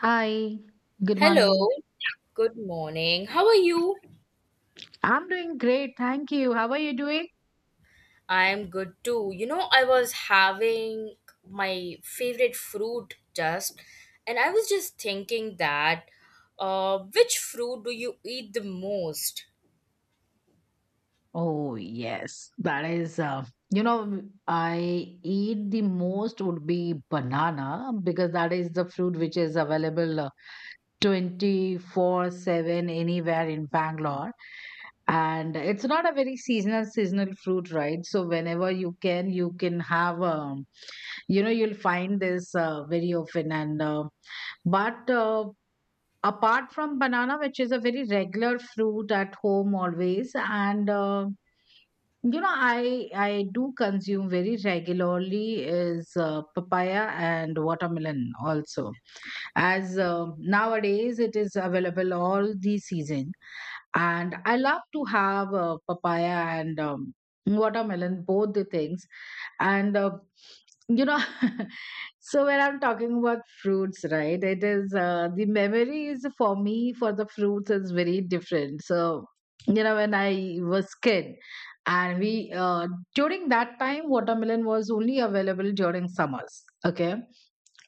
Hi, good Hello, morning. good morning. How are you? I'm doing great, thank you. How are you doing? I'm good too. You know, I was having my favorite fruit just, and I was just thinking that which fruit do you eat the most? Oh, yes, that is, I eat the most would be banana because that is the fruit which is available 24/7 anywhere in Bangalore. And it's not a very seasonal fruit, right? So whenever you can have, you'll find this very often. And but Apart from banana, which is a very regular fruit at home always, and I do consume very regularly is papaya and watermelon also. As nowadays it is available all the season, and I love to have papaya and watermelon, both the things. And uh, you know, so when I'm talking about fruits, right? It is the memories for me for the fruits is very different. So when I was kid, and we during that time watermelon was only available during summers, okay,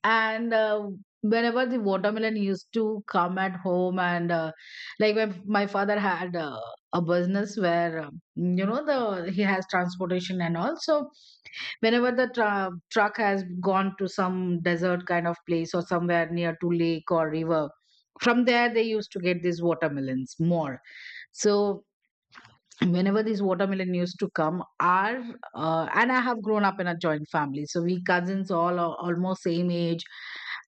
and whenever the watermelon used to come at home, and like my father had a business where, you know, the he has transportation and all. So whenever the truck has gone to some desert kind of place or somewhere near to lake or river, from there they used to get these watermelons more. So whenever these watermelon used to come our and I have grown up in a joint family, so we cousins all are almost same age,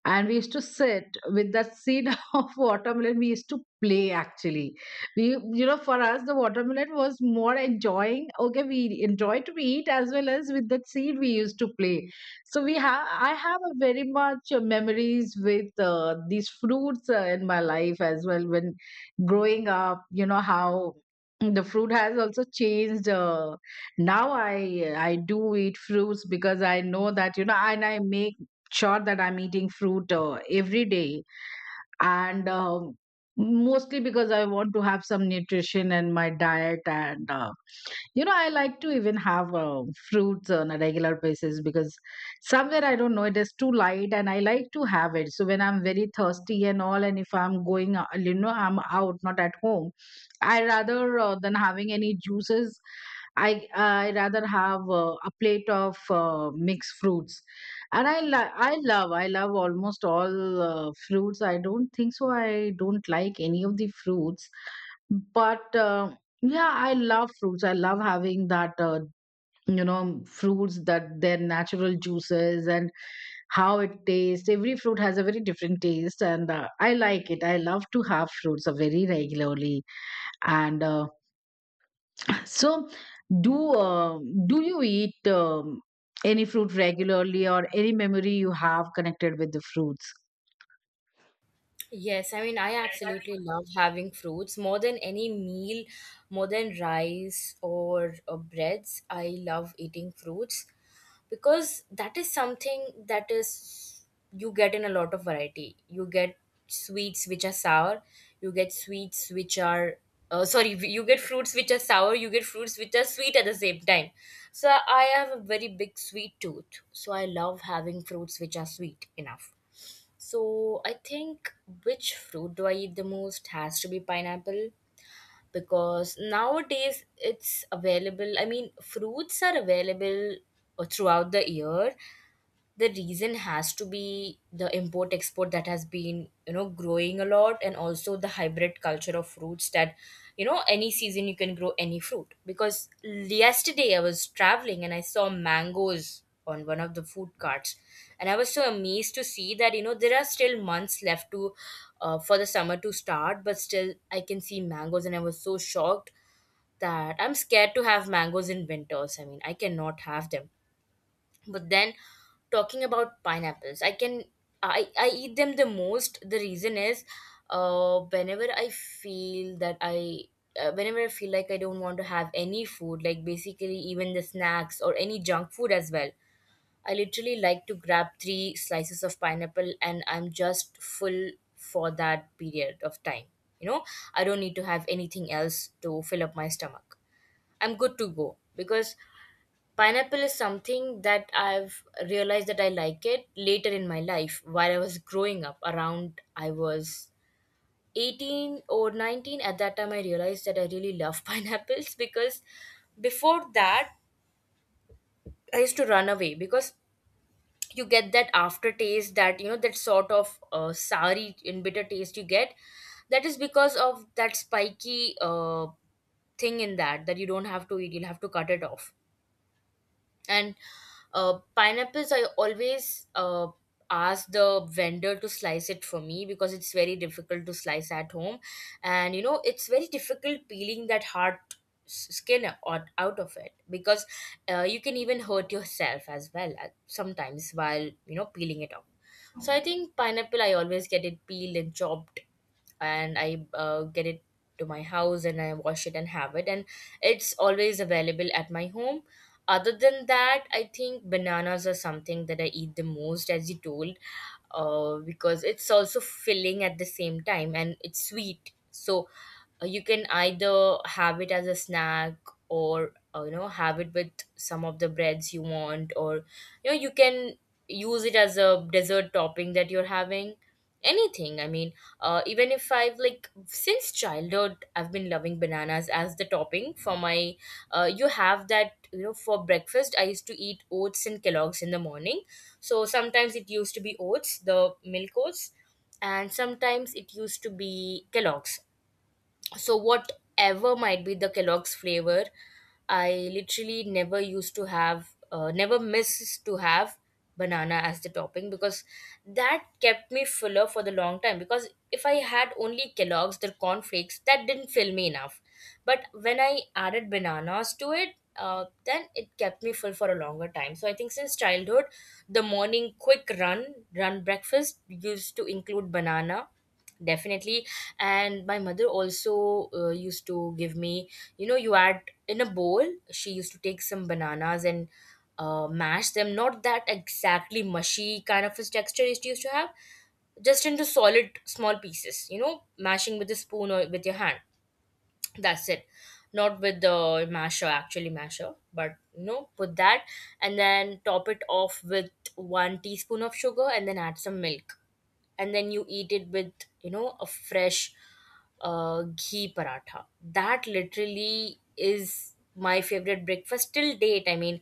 and we used to sit with that seed of watermelon we used to play actually. We you know for us the watermelon was more enjoying, okay, we enjoy to eat as well as with that seed we used to play. So we have I have a very much memories with these fruits in my life as well. When growing up, you know how the fruit has also changed. Now I do eat fruits because I know that, and I make sure that I'm eating fruit every day, and mostly because I want to have some nutrition in my diet. And I like to even have fruits on a regular basis because somewhere I don't know it is too light and I like to have it. So when I'm very thirsty and all, and if I'm going I'm out, not at home, I rather than having any juices, I rather have a plate of mixed fruits. And I li- I love almost all fruits. I don't think so I don't like any of the fruits. But Yeah, I love fruits. I love having that you know fruits that their natural juices and how it tastes. Every fruit has a very different taste, and I like it. I love to have fruits very regularly. And uh, so, do uh, do you eat any fruit regularly, or any memory you have connected with the fruits? Yes, I mean, I absolutely love having fruits more than any meal, more than rice or breads. I love eating fruits, because that is something that is, you get in a lot of variety. You get sweets which are sour, you get sweets which are, sorry, you get fruits which are sour, you get fruits which are sweet at the same time. So I have a very big sweet tooth, so I love having fruits which are sweet enough. So I think which fruit do I eat the most has to be pineapple, because nowadays it's available. I mean, fruits are available throughout the year. The reason has to be the import export that has been, you know, growing a lot, and also the hybrid culture of fruits that, you know, any season you can grow any fruit. Because yesterday I was traveling and I saw mangoes on one of the food carts, and I was so amazed to see that, you know, there are still months left to, for the summer to start, but still I can see mangoes, and I was so shocked that I'm scared to have mangoes in winters. I mean, I cannot have them. But then, talking about pineapples, I can, I eat them the most. The reason is, uh, whenever I feel that I, whenever I feel like I don't want to have any food, like basically even the snacks or any junk food as well, I literally like to grab three slices of pineapple, and I'm just full for that period of time. You know, I don't need to have anything else to fill up my stomach. I'm good to go, because pineapple is something that I've realized that I like it later in my life. While I was growing up, around I was 18 or 19 at that time, I realized that I really love pineapples, because before that I used to run away, because you get that aftertaste that, you know, that sort of soury and bitter taste you get. That is because of that spiky thing in that, that you don't have to eat, you'll have to cut it off. And pineapples, I always ask the vendor to slice it for me, because it's very difficult to slice at home. And you know, it's very difficult peeling that hard skin out, out of it, because you can even hurt yourself as well sometimes while, you know, peeling it off. So I think pineapple I always get it peeled and chopped, and I get it to my house, and I wash it and have it. And it's always available at my home. Other than that, I think bananas are something that I eat the most, as you told, because it's also filling at the same time, and it's sweet. So you can either have it as a snack, or you know, have it with some of the breads you want, or you know, you can use it as a dessert topping that you're having anything. I mean, even if I've, like, since childhood, I've been loving bananas as the topping for my, you have that, you know, for breakfast I used to eat oats and Kellogg's in the morning. So sometimes it used to be oats, the milk oats, and sometimes it used to be Kellogg's. So whatever might be the Kellogg's flavor, I literally never used to have, never miss to have banana as the topping, because that kept me fuller for the long time. Because if I had only Kellogg's, the cornflakes, that didn't fill me enough, but when I added bananas to it, then it kept me full for a longer time. So I think since childhood, the morning quick run breakfast used to include banana, definitely. And my mother also used to give me, you know, you add in a bowl, she used to take some bananas and mash them, not that exactly mushy kind of a texture it used to have, just into solid small pieces, you know, mashing with a spoon or with your hand, that's it. Not with the masher, actually masher, but you know, put that, and then top it off with one teaspoon of sugar, and then add some milk, and then you eat it with, you know, a fresh ghee paratha. That literally is my favorite breakfast till date. I mean,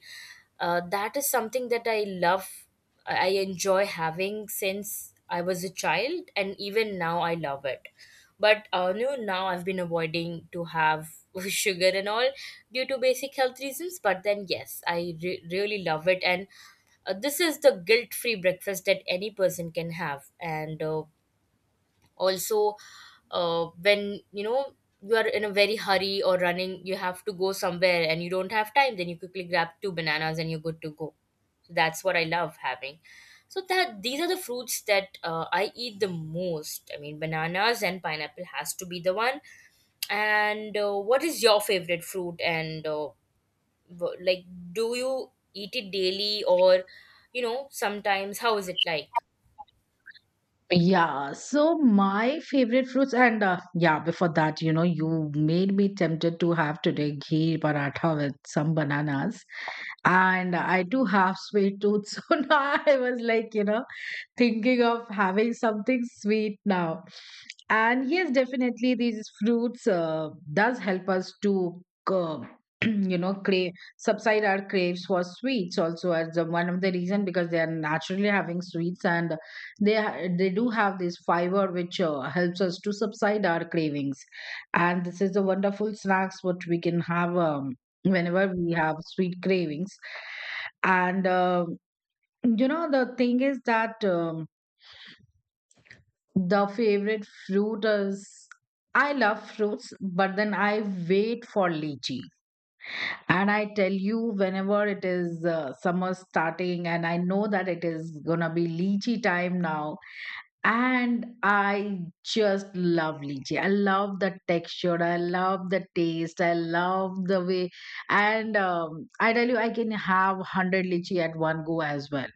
that is something that I love. I enjoy having since I was a child, and even now I love it. But you know, now I've been avoiding to have sugar and all due to basic health reasons. But then, yes, I really love it. And this is the guilt-free breakfast that any person can have. And also when you know, you are in a very hurry or running, you have to go somewhere and you don't have time, then you quickly grab two bananas and you're good to go. So that's what I love having. So that, these are the fruits that I eat the most. I mean, bananas and pineapple has to be the one. And what is your favorite fruit, and like, do you eat it daily, or you know, sometimes, how is it like? Yeah, so my favorite fruits, and yeah, before that, you know, you made me tempted to have today ghee paratha with some bananas, and I do have sweet tooth, so now I was like, thinking of having something sweet now. And yes, definitely these fruits does help us to uh, you know crave subside our craves for sweets also as the one of the reason, because they are naturally having sweets, and they do have this fiber which helps us to subside our cravings. And this is a wonderful snacks what we can have whenever we have sweet cravings. And you know the thing is that, the favorite fruit is, I love fruits, but then I wait for lychee. And I tell you, whenever it is summer starting, and I know that it is gonna be lychee time now, and I just love lychee. I love the texture, I love the taste, I love the way. And I tell you, I can have 100 lychee at one go as well.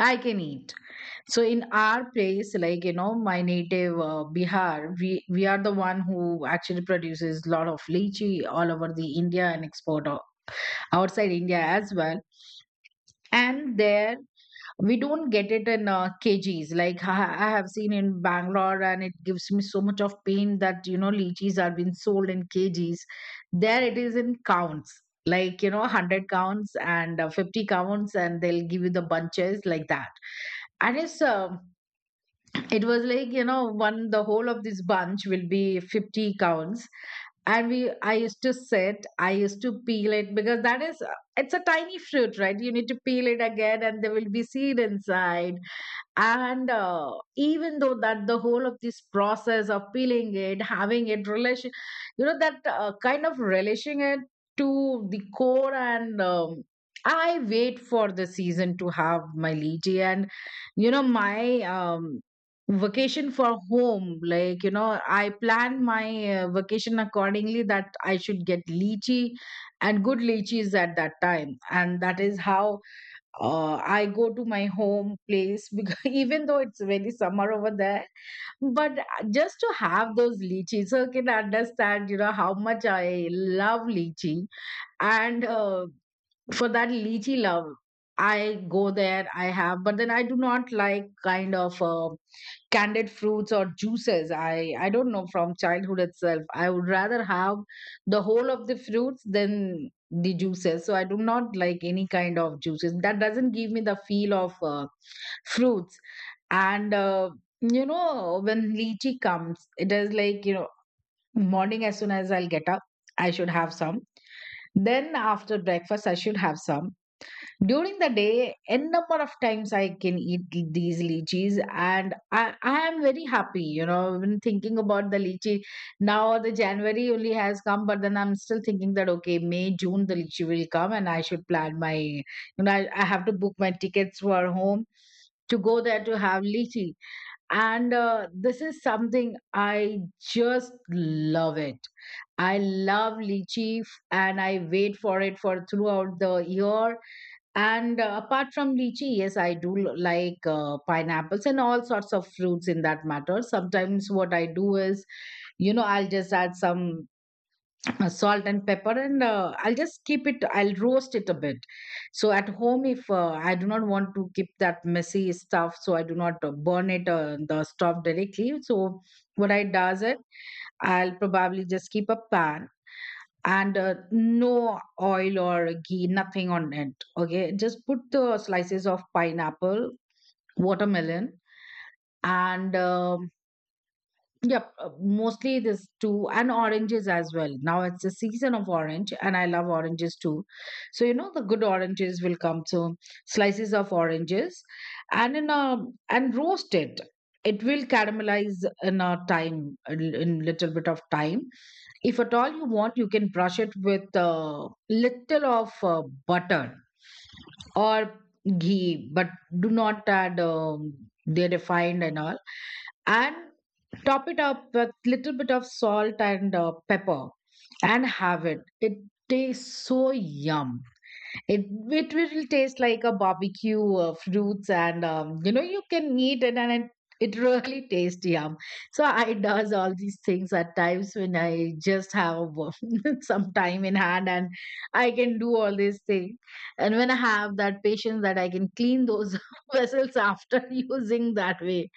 I can eat So in our place, like you know, my native Bihar, we are the one who actually produces a lot of lychee all over the India and export outside India as well. And there we don't get it in kgs like I have seen in Bangalore, and it gives me so much of pain that you know lychees are being sold in kgs. There it is in counts, like you know 100 counts and 50 counts, and they'll give you the bunches like that. And it's it was like you know one, the whole of this bunch will be 50 counts. And we i used to sit, I used to peel it, because that is, it's a tiny fruit, right? You need to peel it again, and there will be seed inside. And even though that the whole of this process of peeling it, having it relation, you know that kind of relishing it to the core. And I wait for the season to have my lychee, and you know my vacation for home, like you know I plan my vacation accordingly, that I should get lychee and good lychees at that time. And that is how I go to my home place, because even though it's very summer over there, but just to have those lychees. So you can understand, you know, how much I love lychee. And for that lychee love, I go there, I have. But then I do not like kind of, candied fruits or juices. I don't know, from childhood itself I would rather have the whole of the fruits than the juices. So I do not like any kind of juices that doesn't give me the feel of fruits. And you know, when lychee comes, it is like you know morning as soon as I'll get up, I should have some, then after breakfast I should have some, during the day, n number of times I can eat these lychees, and I am very happy. You know, when thinking about the lychee, now the January only has come, but then I'm still thinking that okay, May, June the lychee will come, and I should plan my. You know, I have to book my tickets for home to go there to have lychee. And this is something I just love it. I love lychee, and I wait for it for throughout the year. And apart from lychee, yes, I do like pineapples and all sorts of fruits in that matter. Sometimes what I do is, you know, I'll just add some salt and pepper, and I'll just keep it, I'll roast it a bit. So at home, if I do not want to keep that messy stuff, so I do not burn it, the stuff directly. So what I does it, I'll probably just keep a pan, and no oil or ghee, nothing on it. Okay, just put the slices of pineapple, watermelon, and yep, mostly this too, and oranges as well. Now it's the season of orange, and I love oranges too. So, you know, the good oranges will come. So slices of oranges and in a and roast it. It will caramelize in a time, in little bit of time. If at all you want, you can brush it with a little of butter or ghee, but do not add they refined and all. And top it up with little bit of salt and pepper and have it. It tastes so yum. It, it will taste like a barbecue fruits, and you know you can eat it, and it really tastes yum. So I does all these things at times when I just have some time in hand, and I can do all these things. And when I have that patience that I can clean those vessels after using that way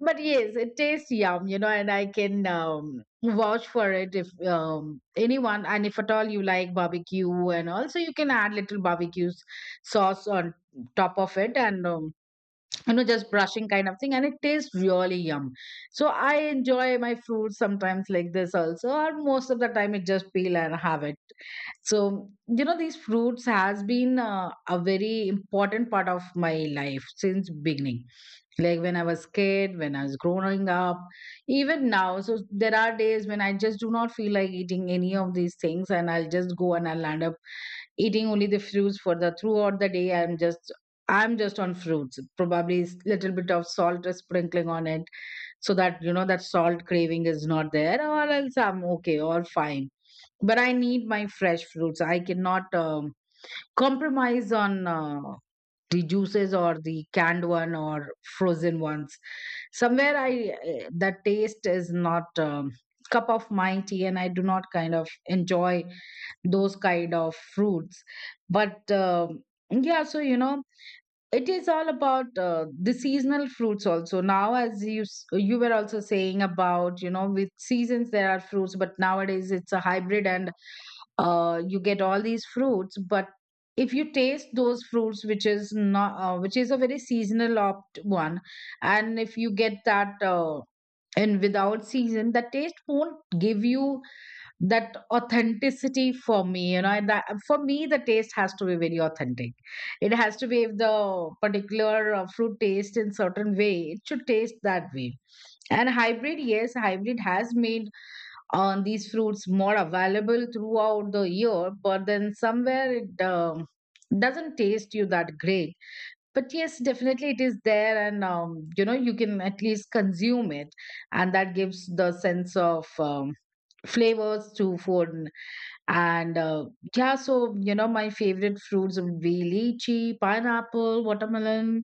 but yes, it tastes yum, and I can vouch for it if anyone and if at all you like barbecue, and also you can add little barbecue sauce on top of it and just brushing kind of thing, and it tastes really yum. So I enjoy my fruits sometimes like this also, or most of the time it just peel and have it. So these fruits has been a very important part of my life since beginning, like when I was kid, when I was growing up, even now. So there are days when I just do not feel like eating any of these things, and I'll just go, and I'll end up eating only the fruits for the throughout the day. I'm just, I'm just on fruits, probably little bit of salt sprinkling on it, so that that salt craving is not there, or else I'm okay or fine. But I need my fresh fruits. I cannot compromise on the juices or the canned one or frozen ones. Somewhere I that taste is not cup of my tea, and I do not kind of enjoy those kind of fruits. But yeah. So it is all about the seasonal fruits also. Now, as you you were also saying about, with seasons there are fruits, but nowadays it's a hybrid, and you get all these fruits. But if you taste those fruits which is not which is a very seasonal opt one, and if you get that and without season, the taste won't give you that authenticity for me, and that, for me the taste has to be very authentic. It has to be, if the particular fruit tastes in certain way, it should taste that way. And hybrid, yes, hybrid has made on these fruits more available throughout the year, but then somewhere it doesn't taste you that great. But yes, definitely it is there, and you can at least consume it, and that gives the sense of flavors to food. And yeah. So my favorite fruits would be lychee, pineapple, watermelon,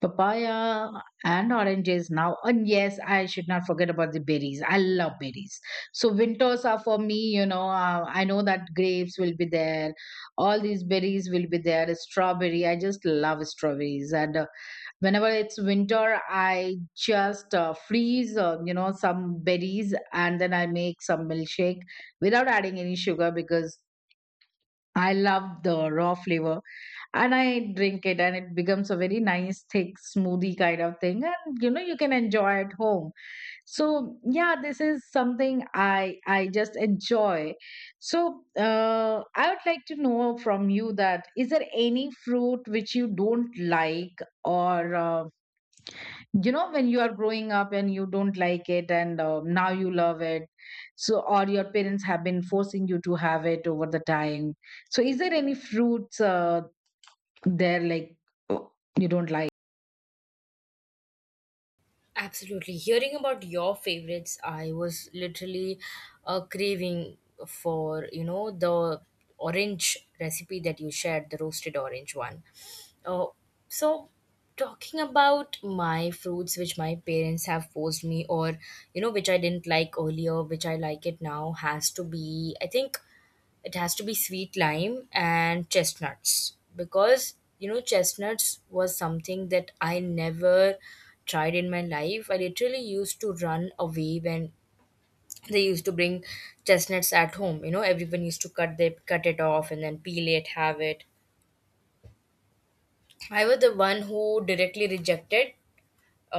papaya, and oranges now. And yes, I should not forget about the berries. I love berries. So winters are for me, I know that grapes will be there, all these berries will be there. Strawberry, I just love strawberries. And whenever it's winter, I just freeze, some berries, and then I make some milkshake without adding any sugar, because I love the raw flavor and I drink it, and it becomes a very nice, thick smoothie kind of thing, and you can enjoy at home. So yeah, this is something I just enjoy. So I would like to know from you, that is there any fruit which you don't like, or when you are growing up and you don't like it, and now you love it. So, or your parents have been forcing you to have it over the time. So, is there any fruits they're like, "Oh, you don't like." Absolutely, hearing about your favorites, I was literally craving for, you know, the orange recipe that you shared, the roasted orange one. uh, so, talking about my fruits which my parents have forced me, or you know, which I didn't like earlier which I like it now, has to be, I think it has to be sweet lime and chestnuts. Because you know, chestnuts was something that I never tried in my life. I literally used to run away when they used to bring chestnuts at home. You know, everyone used to cut, they cut it off and then peel it, have it. I was the one who directly rejected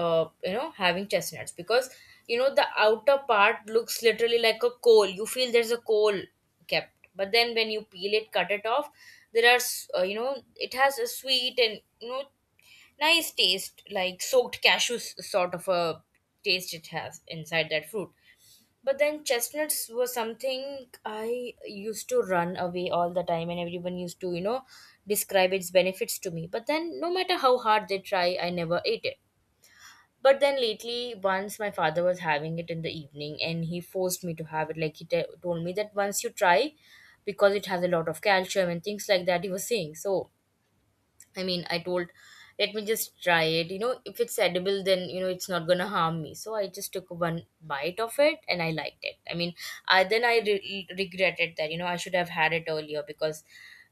you know, having chestnuts, because you know, the outer part looks literally like a coal. You feel there's a coal kept, but then when you peel it, cut it off, there are, you know, it has a sweet and you know, nice taste, like soaked cashews sort of a taste it has inside that fruit. But then chestnuts were something I used to run away all the time, and everyone used to, you know, describe its benefits to me. But then, no matter how hard they try, I never ate it. But then lately, once my father was having it in the evening and he forced me to have it. Like, he told me that, once you try, because it has a lot of calcium and things like that, he was saying. So, I mean, I told, let me just try it. You know, if it's edible, then you know, it's not going to harm me. So I just took one bite of it and I liked it. I mean, I then I regretted that, you know, I should have had it earlier. Because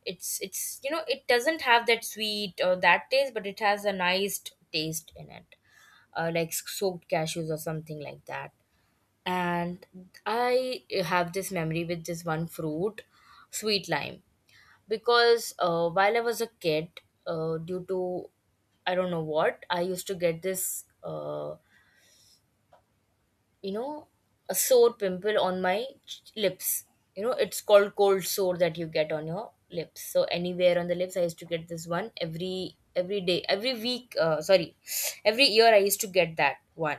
it's you know, it doesn't have that sweet or that taste, but it has a nice taste in it, like soaked cashews or something like that. And I have this memory with this one fruit, sweet lime, because while I was a kid, due to, I don't know what, I used to get this, you know, a sore pimple on my lips. You know, it's called cold sore, that you get on your lips. So anywhere on the lips, I used to get this one every day, every week. Sorry, every year I used to get that one.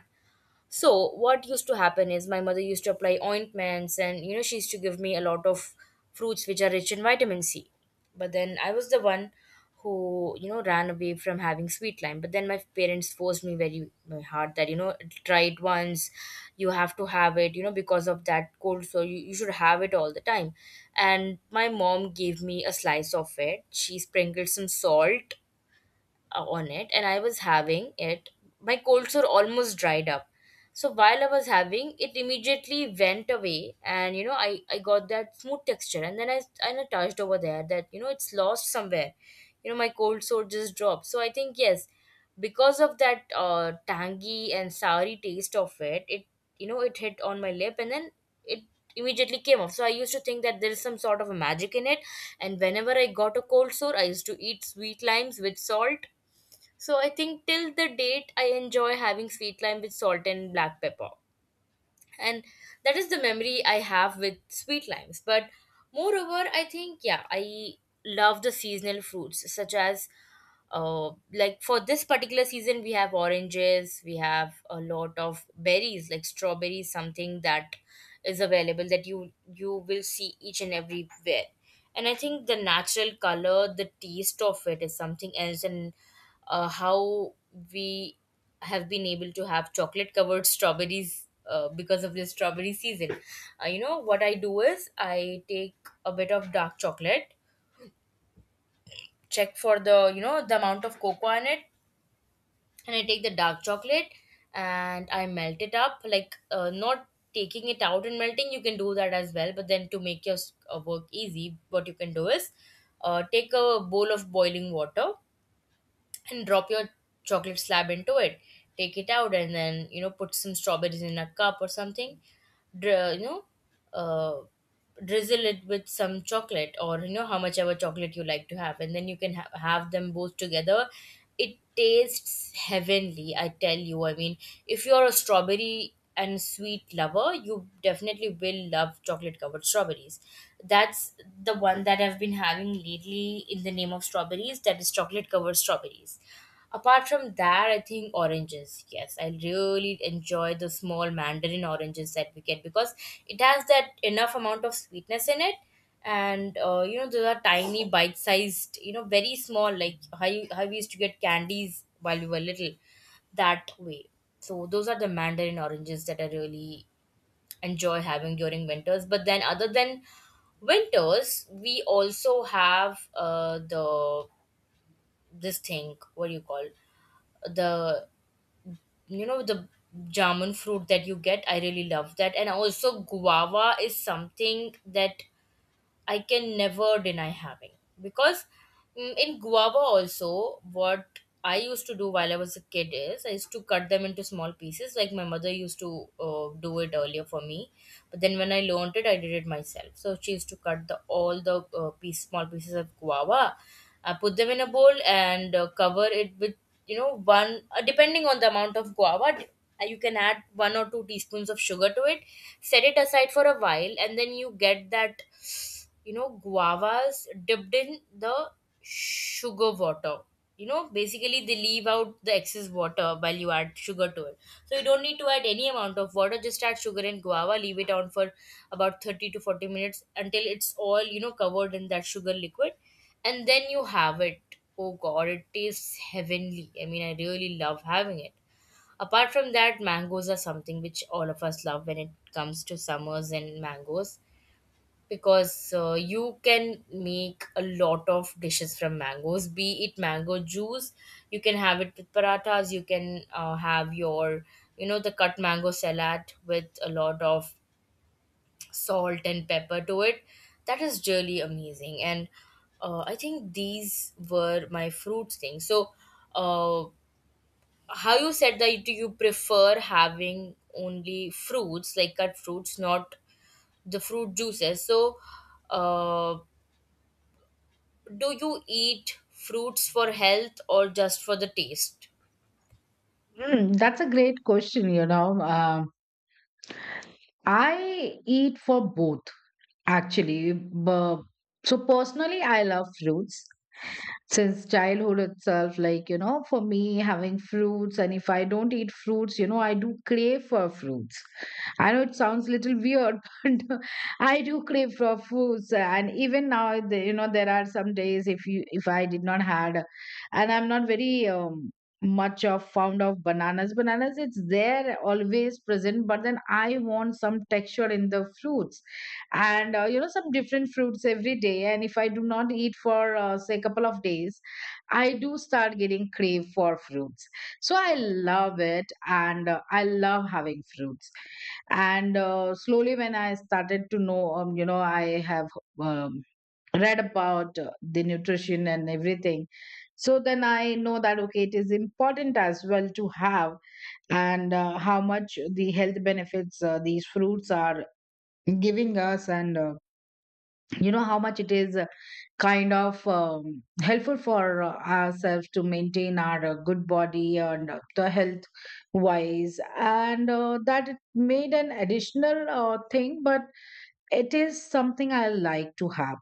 So what used to happen is, my mother used to apply ointments, and you know, she used to give me a lot of fruits which are rich in vitamin C. But then I was the one who, you know, ran away from having sweet lime. But then my parents forced me very hard that, you know, try it once, you have to have it, you know, because of that cold so you should have it all the time. And my mom gave me a slice of it. She sprinkled some salt on it, and I was having it, my cold sore almost dried up. So while I was having it, immediately went away, and you know, I got that smooth texture, and then I, and I touched over there that, you know, it's lost somewhere. You know, my cold sore just dropped. So I think yes, because of that tangy and soury taste of it, it hit on my lip and then it immediately came off. So I used to think that there is some sort of a magic in it, and whenever I got a cold sore, I used to eat sweet limes with salt. So I think till the date I enjoy having sweet lime with salt and black pepper. And that is the memory I have with sweet limes. But moreover, I think yeah, I love the seasonal fruits such as like for this particular season we have oranges, we have a lot of berries like strawberries, something that is available that you will see each and everywhere. And I think the natural color, the taste of it is something else. And how we have been able to have chocolate covered strawberries because of the strawberry season. You know what I do is I take a bit of dark chocolate, check for the the amount of cocoa in it, and I take the dark chocolate and I melt it up. Like not taking it out and melting, you can do that as well. But then to make your work easy, what you can do is take a bowl of boiling water and drop your chocolate slab into it. Take it out and then you know put some strawberries in a cup or something, dri- you know uh, drizzle it with some chocolate or you know how much ever chocolate you like to have, and then you can have them both together. It tastes heavenly, I tell you, I mean, if you're a strawberry and sweet lover, you definitely will love chocolate covered strawberries. That's the one that I've been having lately in the name of strawberries, that is chocolate covered strawberries. Apart from that, I think oranges. Yes, I really enjoy the small mandarin oranges that we get because it has that enough amount of sweetness in it. And you know, those are tiny, bite-sized. You know, very small, like how how we used to get candies while we were little. That way. So those are the mandarin oranges that I really enjoy having during winters. But then, other than winters, we also have the this thing. What do you call the you know the jamun fruit that you get? I really love that. And also guava is something that I can never deny having because in guava also, what I used to do while I was a kid is I used to cut them into small pieces, like my mother used to do it earlier for me. But then when I learned it I did it myself. So she used to cut the all the piece small pieces of guava, I put them in a bowl and cover it with you know one depending on the amount of guava, you can add one or two teaspoons of sugar to it, set it aside for a while, and then you get that you know guavas dipped in the sugar water. You know basically they leave out the excess water while you add sugar to it. So you don't need to add any amount of water, just add sugar and guava, leave it on for about 30 to 40 minutes until it's all you know covered in that sugar liquid, and then you have it. Oh god, it tastes heavenly, I mean, I really love having it. Apart from that, mangoes are something which all of us love when it comes to summers and mangoes, because you can make a lot of dishes from mangoes, be it mango juice, you can have it with parathas, you can have your you know the cut mango salad with a lot of salt and pepper to it. That is really amazing. And I think these were my fruit things. So uh, how you said that, do you prefer having only fruits like cut fruits, not the fruit juices? So uh, do you eat fruits for health or just for the taste? Hmm, that's a great question, you know. I eat for both actually. But so personally I love fruits since childhood itself. Like for me, having fruits, and if I don't eat fruits, I do crave for fruits. I know it sounds little weird, but I do crave for fruits. And even now, there are some days, if you if I did not had, and I'm not very much of fond of bananas. Bananas, it's there always present, but then I want some texture in the fruits, and some different fruits every day, and if I do not eat for say a couple of days, I do start getting crave for fruits. So I love it, and I love having fruits. And slowly when I started to know, I have um, read about the nutrition and everything. So then I know that okay, it is important as well to have, and how much the health benefits these fruits are giving us, and how much it is kind of helpful for ourselves to maintain our good body and the health wise, and that it made an additional thing. But it is something I like to have.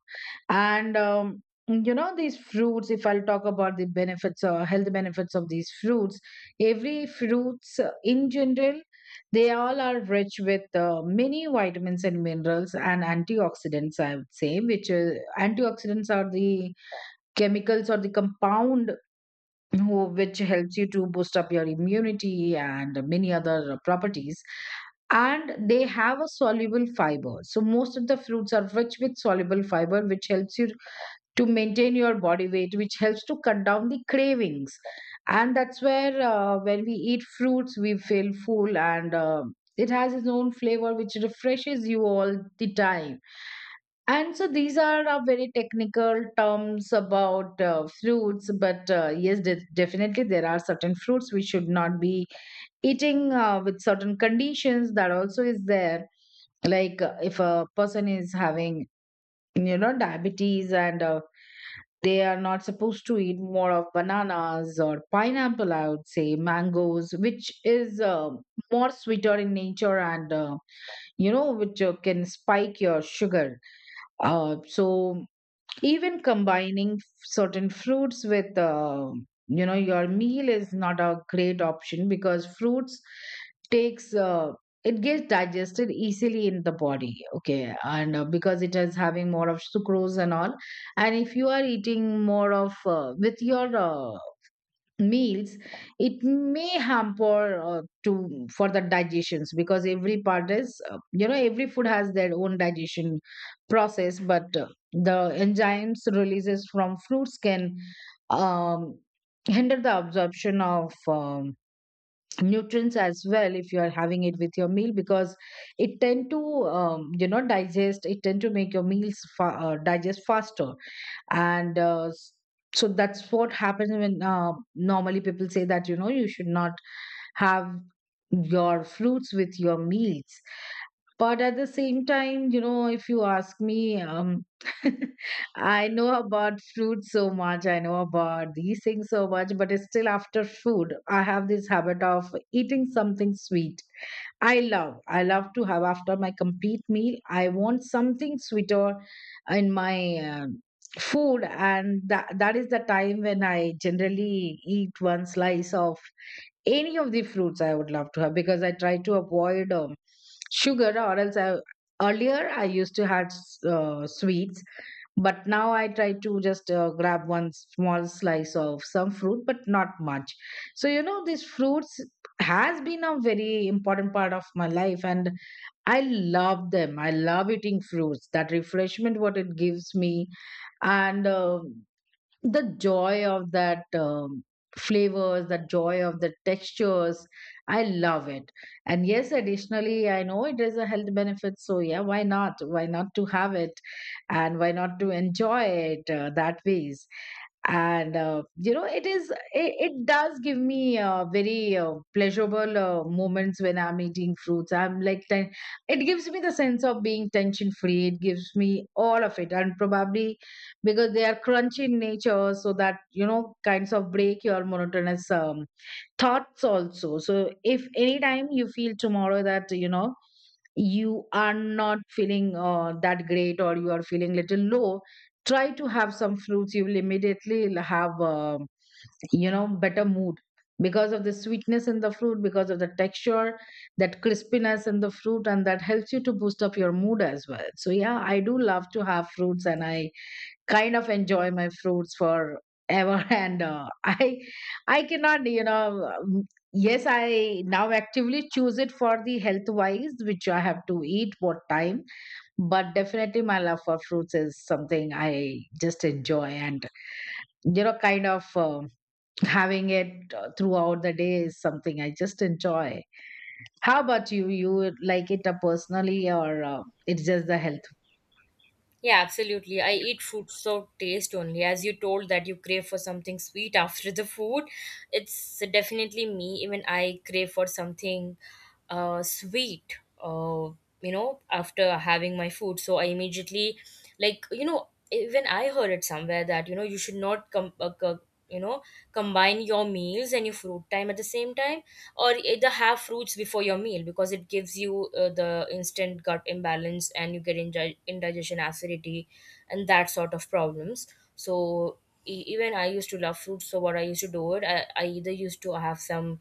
And these fruits, if I'll talk about the benefits or health benefits of these fruits, every fruits in general, they all are rich with many vitamins and minerals and antioxidants, I would say, which antioxidants are the chemicals or the compound who, which helps you to boost up your immunity and many other properties. And they have a soluble fiber. So most of the fruits are rich with soluble fiber, which helps you to maintain your body weight, which helps to cut down the cravings. And that's where, when we eat fruits, we feel full, and it has its own flavor, which refreshes you all the time. And so these are our very technical terms about fruits. But yes, definitely there are certain fruits we should not be eating with certain conditions. That also is there. Like if a person is having, diabetes and they are not supposed to eat more of bananas or pineapple, I would say, mangoes, which is more sweeter in nature, and which can spike your sugar. So even combining certain fruits with your meal is not a great option, because fruits takes it gets digested easily in the body, okay, and because it is having more of sucrose and all. And if you are eating more of with your meals, it may hamper to for the digestions, because every part is every food has their own digestion process. But the enzymes releases from fruits can um, hinder the absorption of nutrients as well, if you are having it with your meal, because it tend to digest, it tend to make your meals digest faster. And so that's what happens. When normally people say that you should not have your fruits with your meals. But at the same time, if you ask me, I know about fruit so much, I know about these things so much, but it's still after food I have this habit of eating something sweet. I love. I love to have after my complete meal. I want something sweeter in my food, and that is the time when I generally eat one slice of any of the fruits I would love to have, because I try to avoid sugar. Or else I, earlier I used to have sweets, but now I try to just grab one small slice of some fruit, but not much. So these fruits has been a very important part of my life, and I love them. I love eating fruits. That refreshment what it gives me, and the joy of that flavors, the joy of the textures, I love it. And yes, additionally, I know it is a health benefit, so yeah, why not, why not to have it, and why not to enjoy it that ways. And it is it, it does give me very pleasurable moments. When I'm eating fruits I'm like it gives me the sense of being tension free, it gives me all of it. And probably because they are crunchy in nature, so that kinds of break your monotonous thoughts also. So if anytime you feel tomorrow that you are not feeling that great, or you are feeling little low, try to have some fruits, you will immediately have better mood, because of the sweetness in the fruit, because of the texture, that crispiness in the fruit, and that helps you to boost up your mood as well. So yeah, I do love to have fruits, and I kind of enjoy my fruits for ever and I cannot yes, I now actively choose it for the health wise, which I have to eat what time. But definitely my love for fruits is something I just enjoy, and kind of having it throughout the day is something I just enjoy. How about you? You would like it personally, or it's just the health Yeah, absolutely. I eat fruits for taste only. As you told that you crave for something sweet after the food, it's definitely me. Even I crave for something sweet, you know, after having my food. So I immediately, like, you know, even I heard it somewhere that, you know, you should not come. You know, combine your meals and your fruit time at the same time, or either have fruits before your meal, because it gives you the instant gut imbalance and you get indigestion, acidity and that sort of problems. So even I used to love fruits, so what I used to do it I either used to have some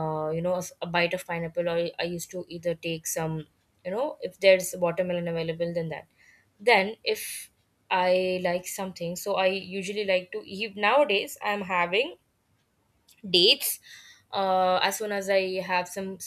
you know a bite of pineapple, or I used to either take some you know if there's watermelon available, then that. Then if I like something. So I usually like to eat. Nowadays, I'm having dates as soon as I have some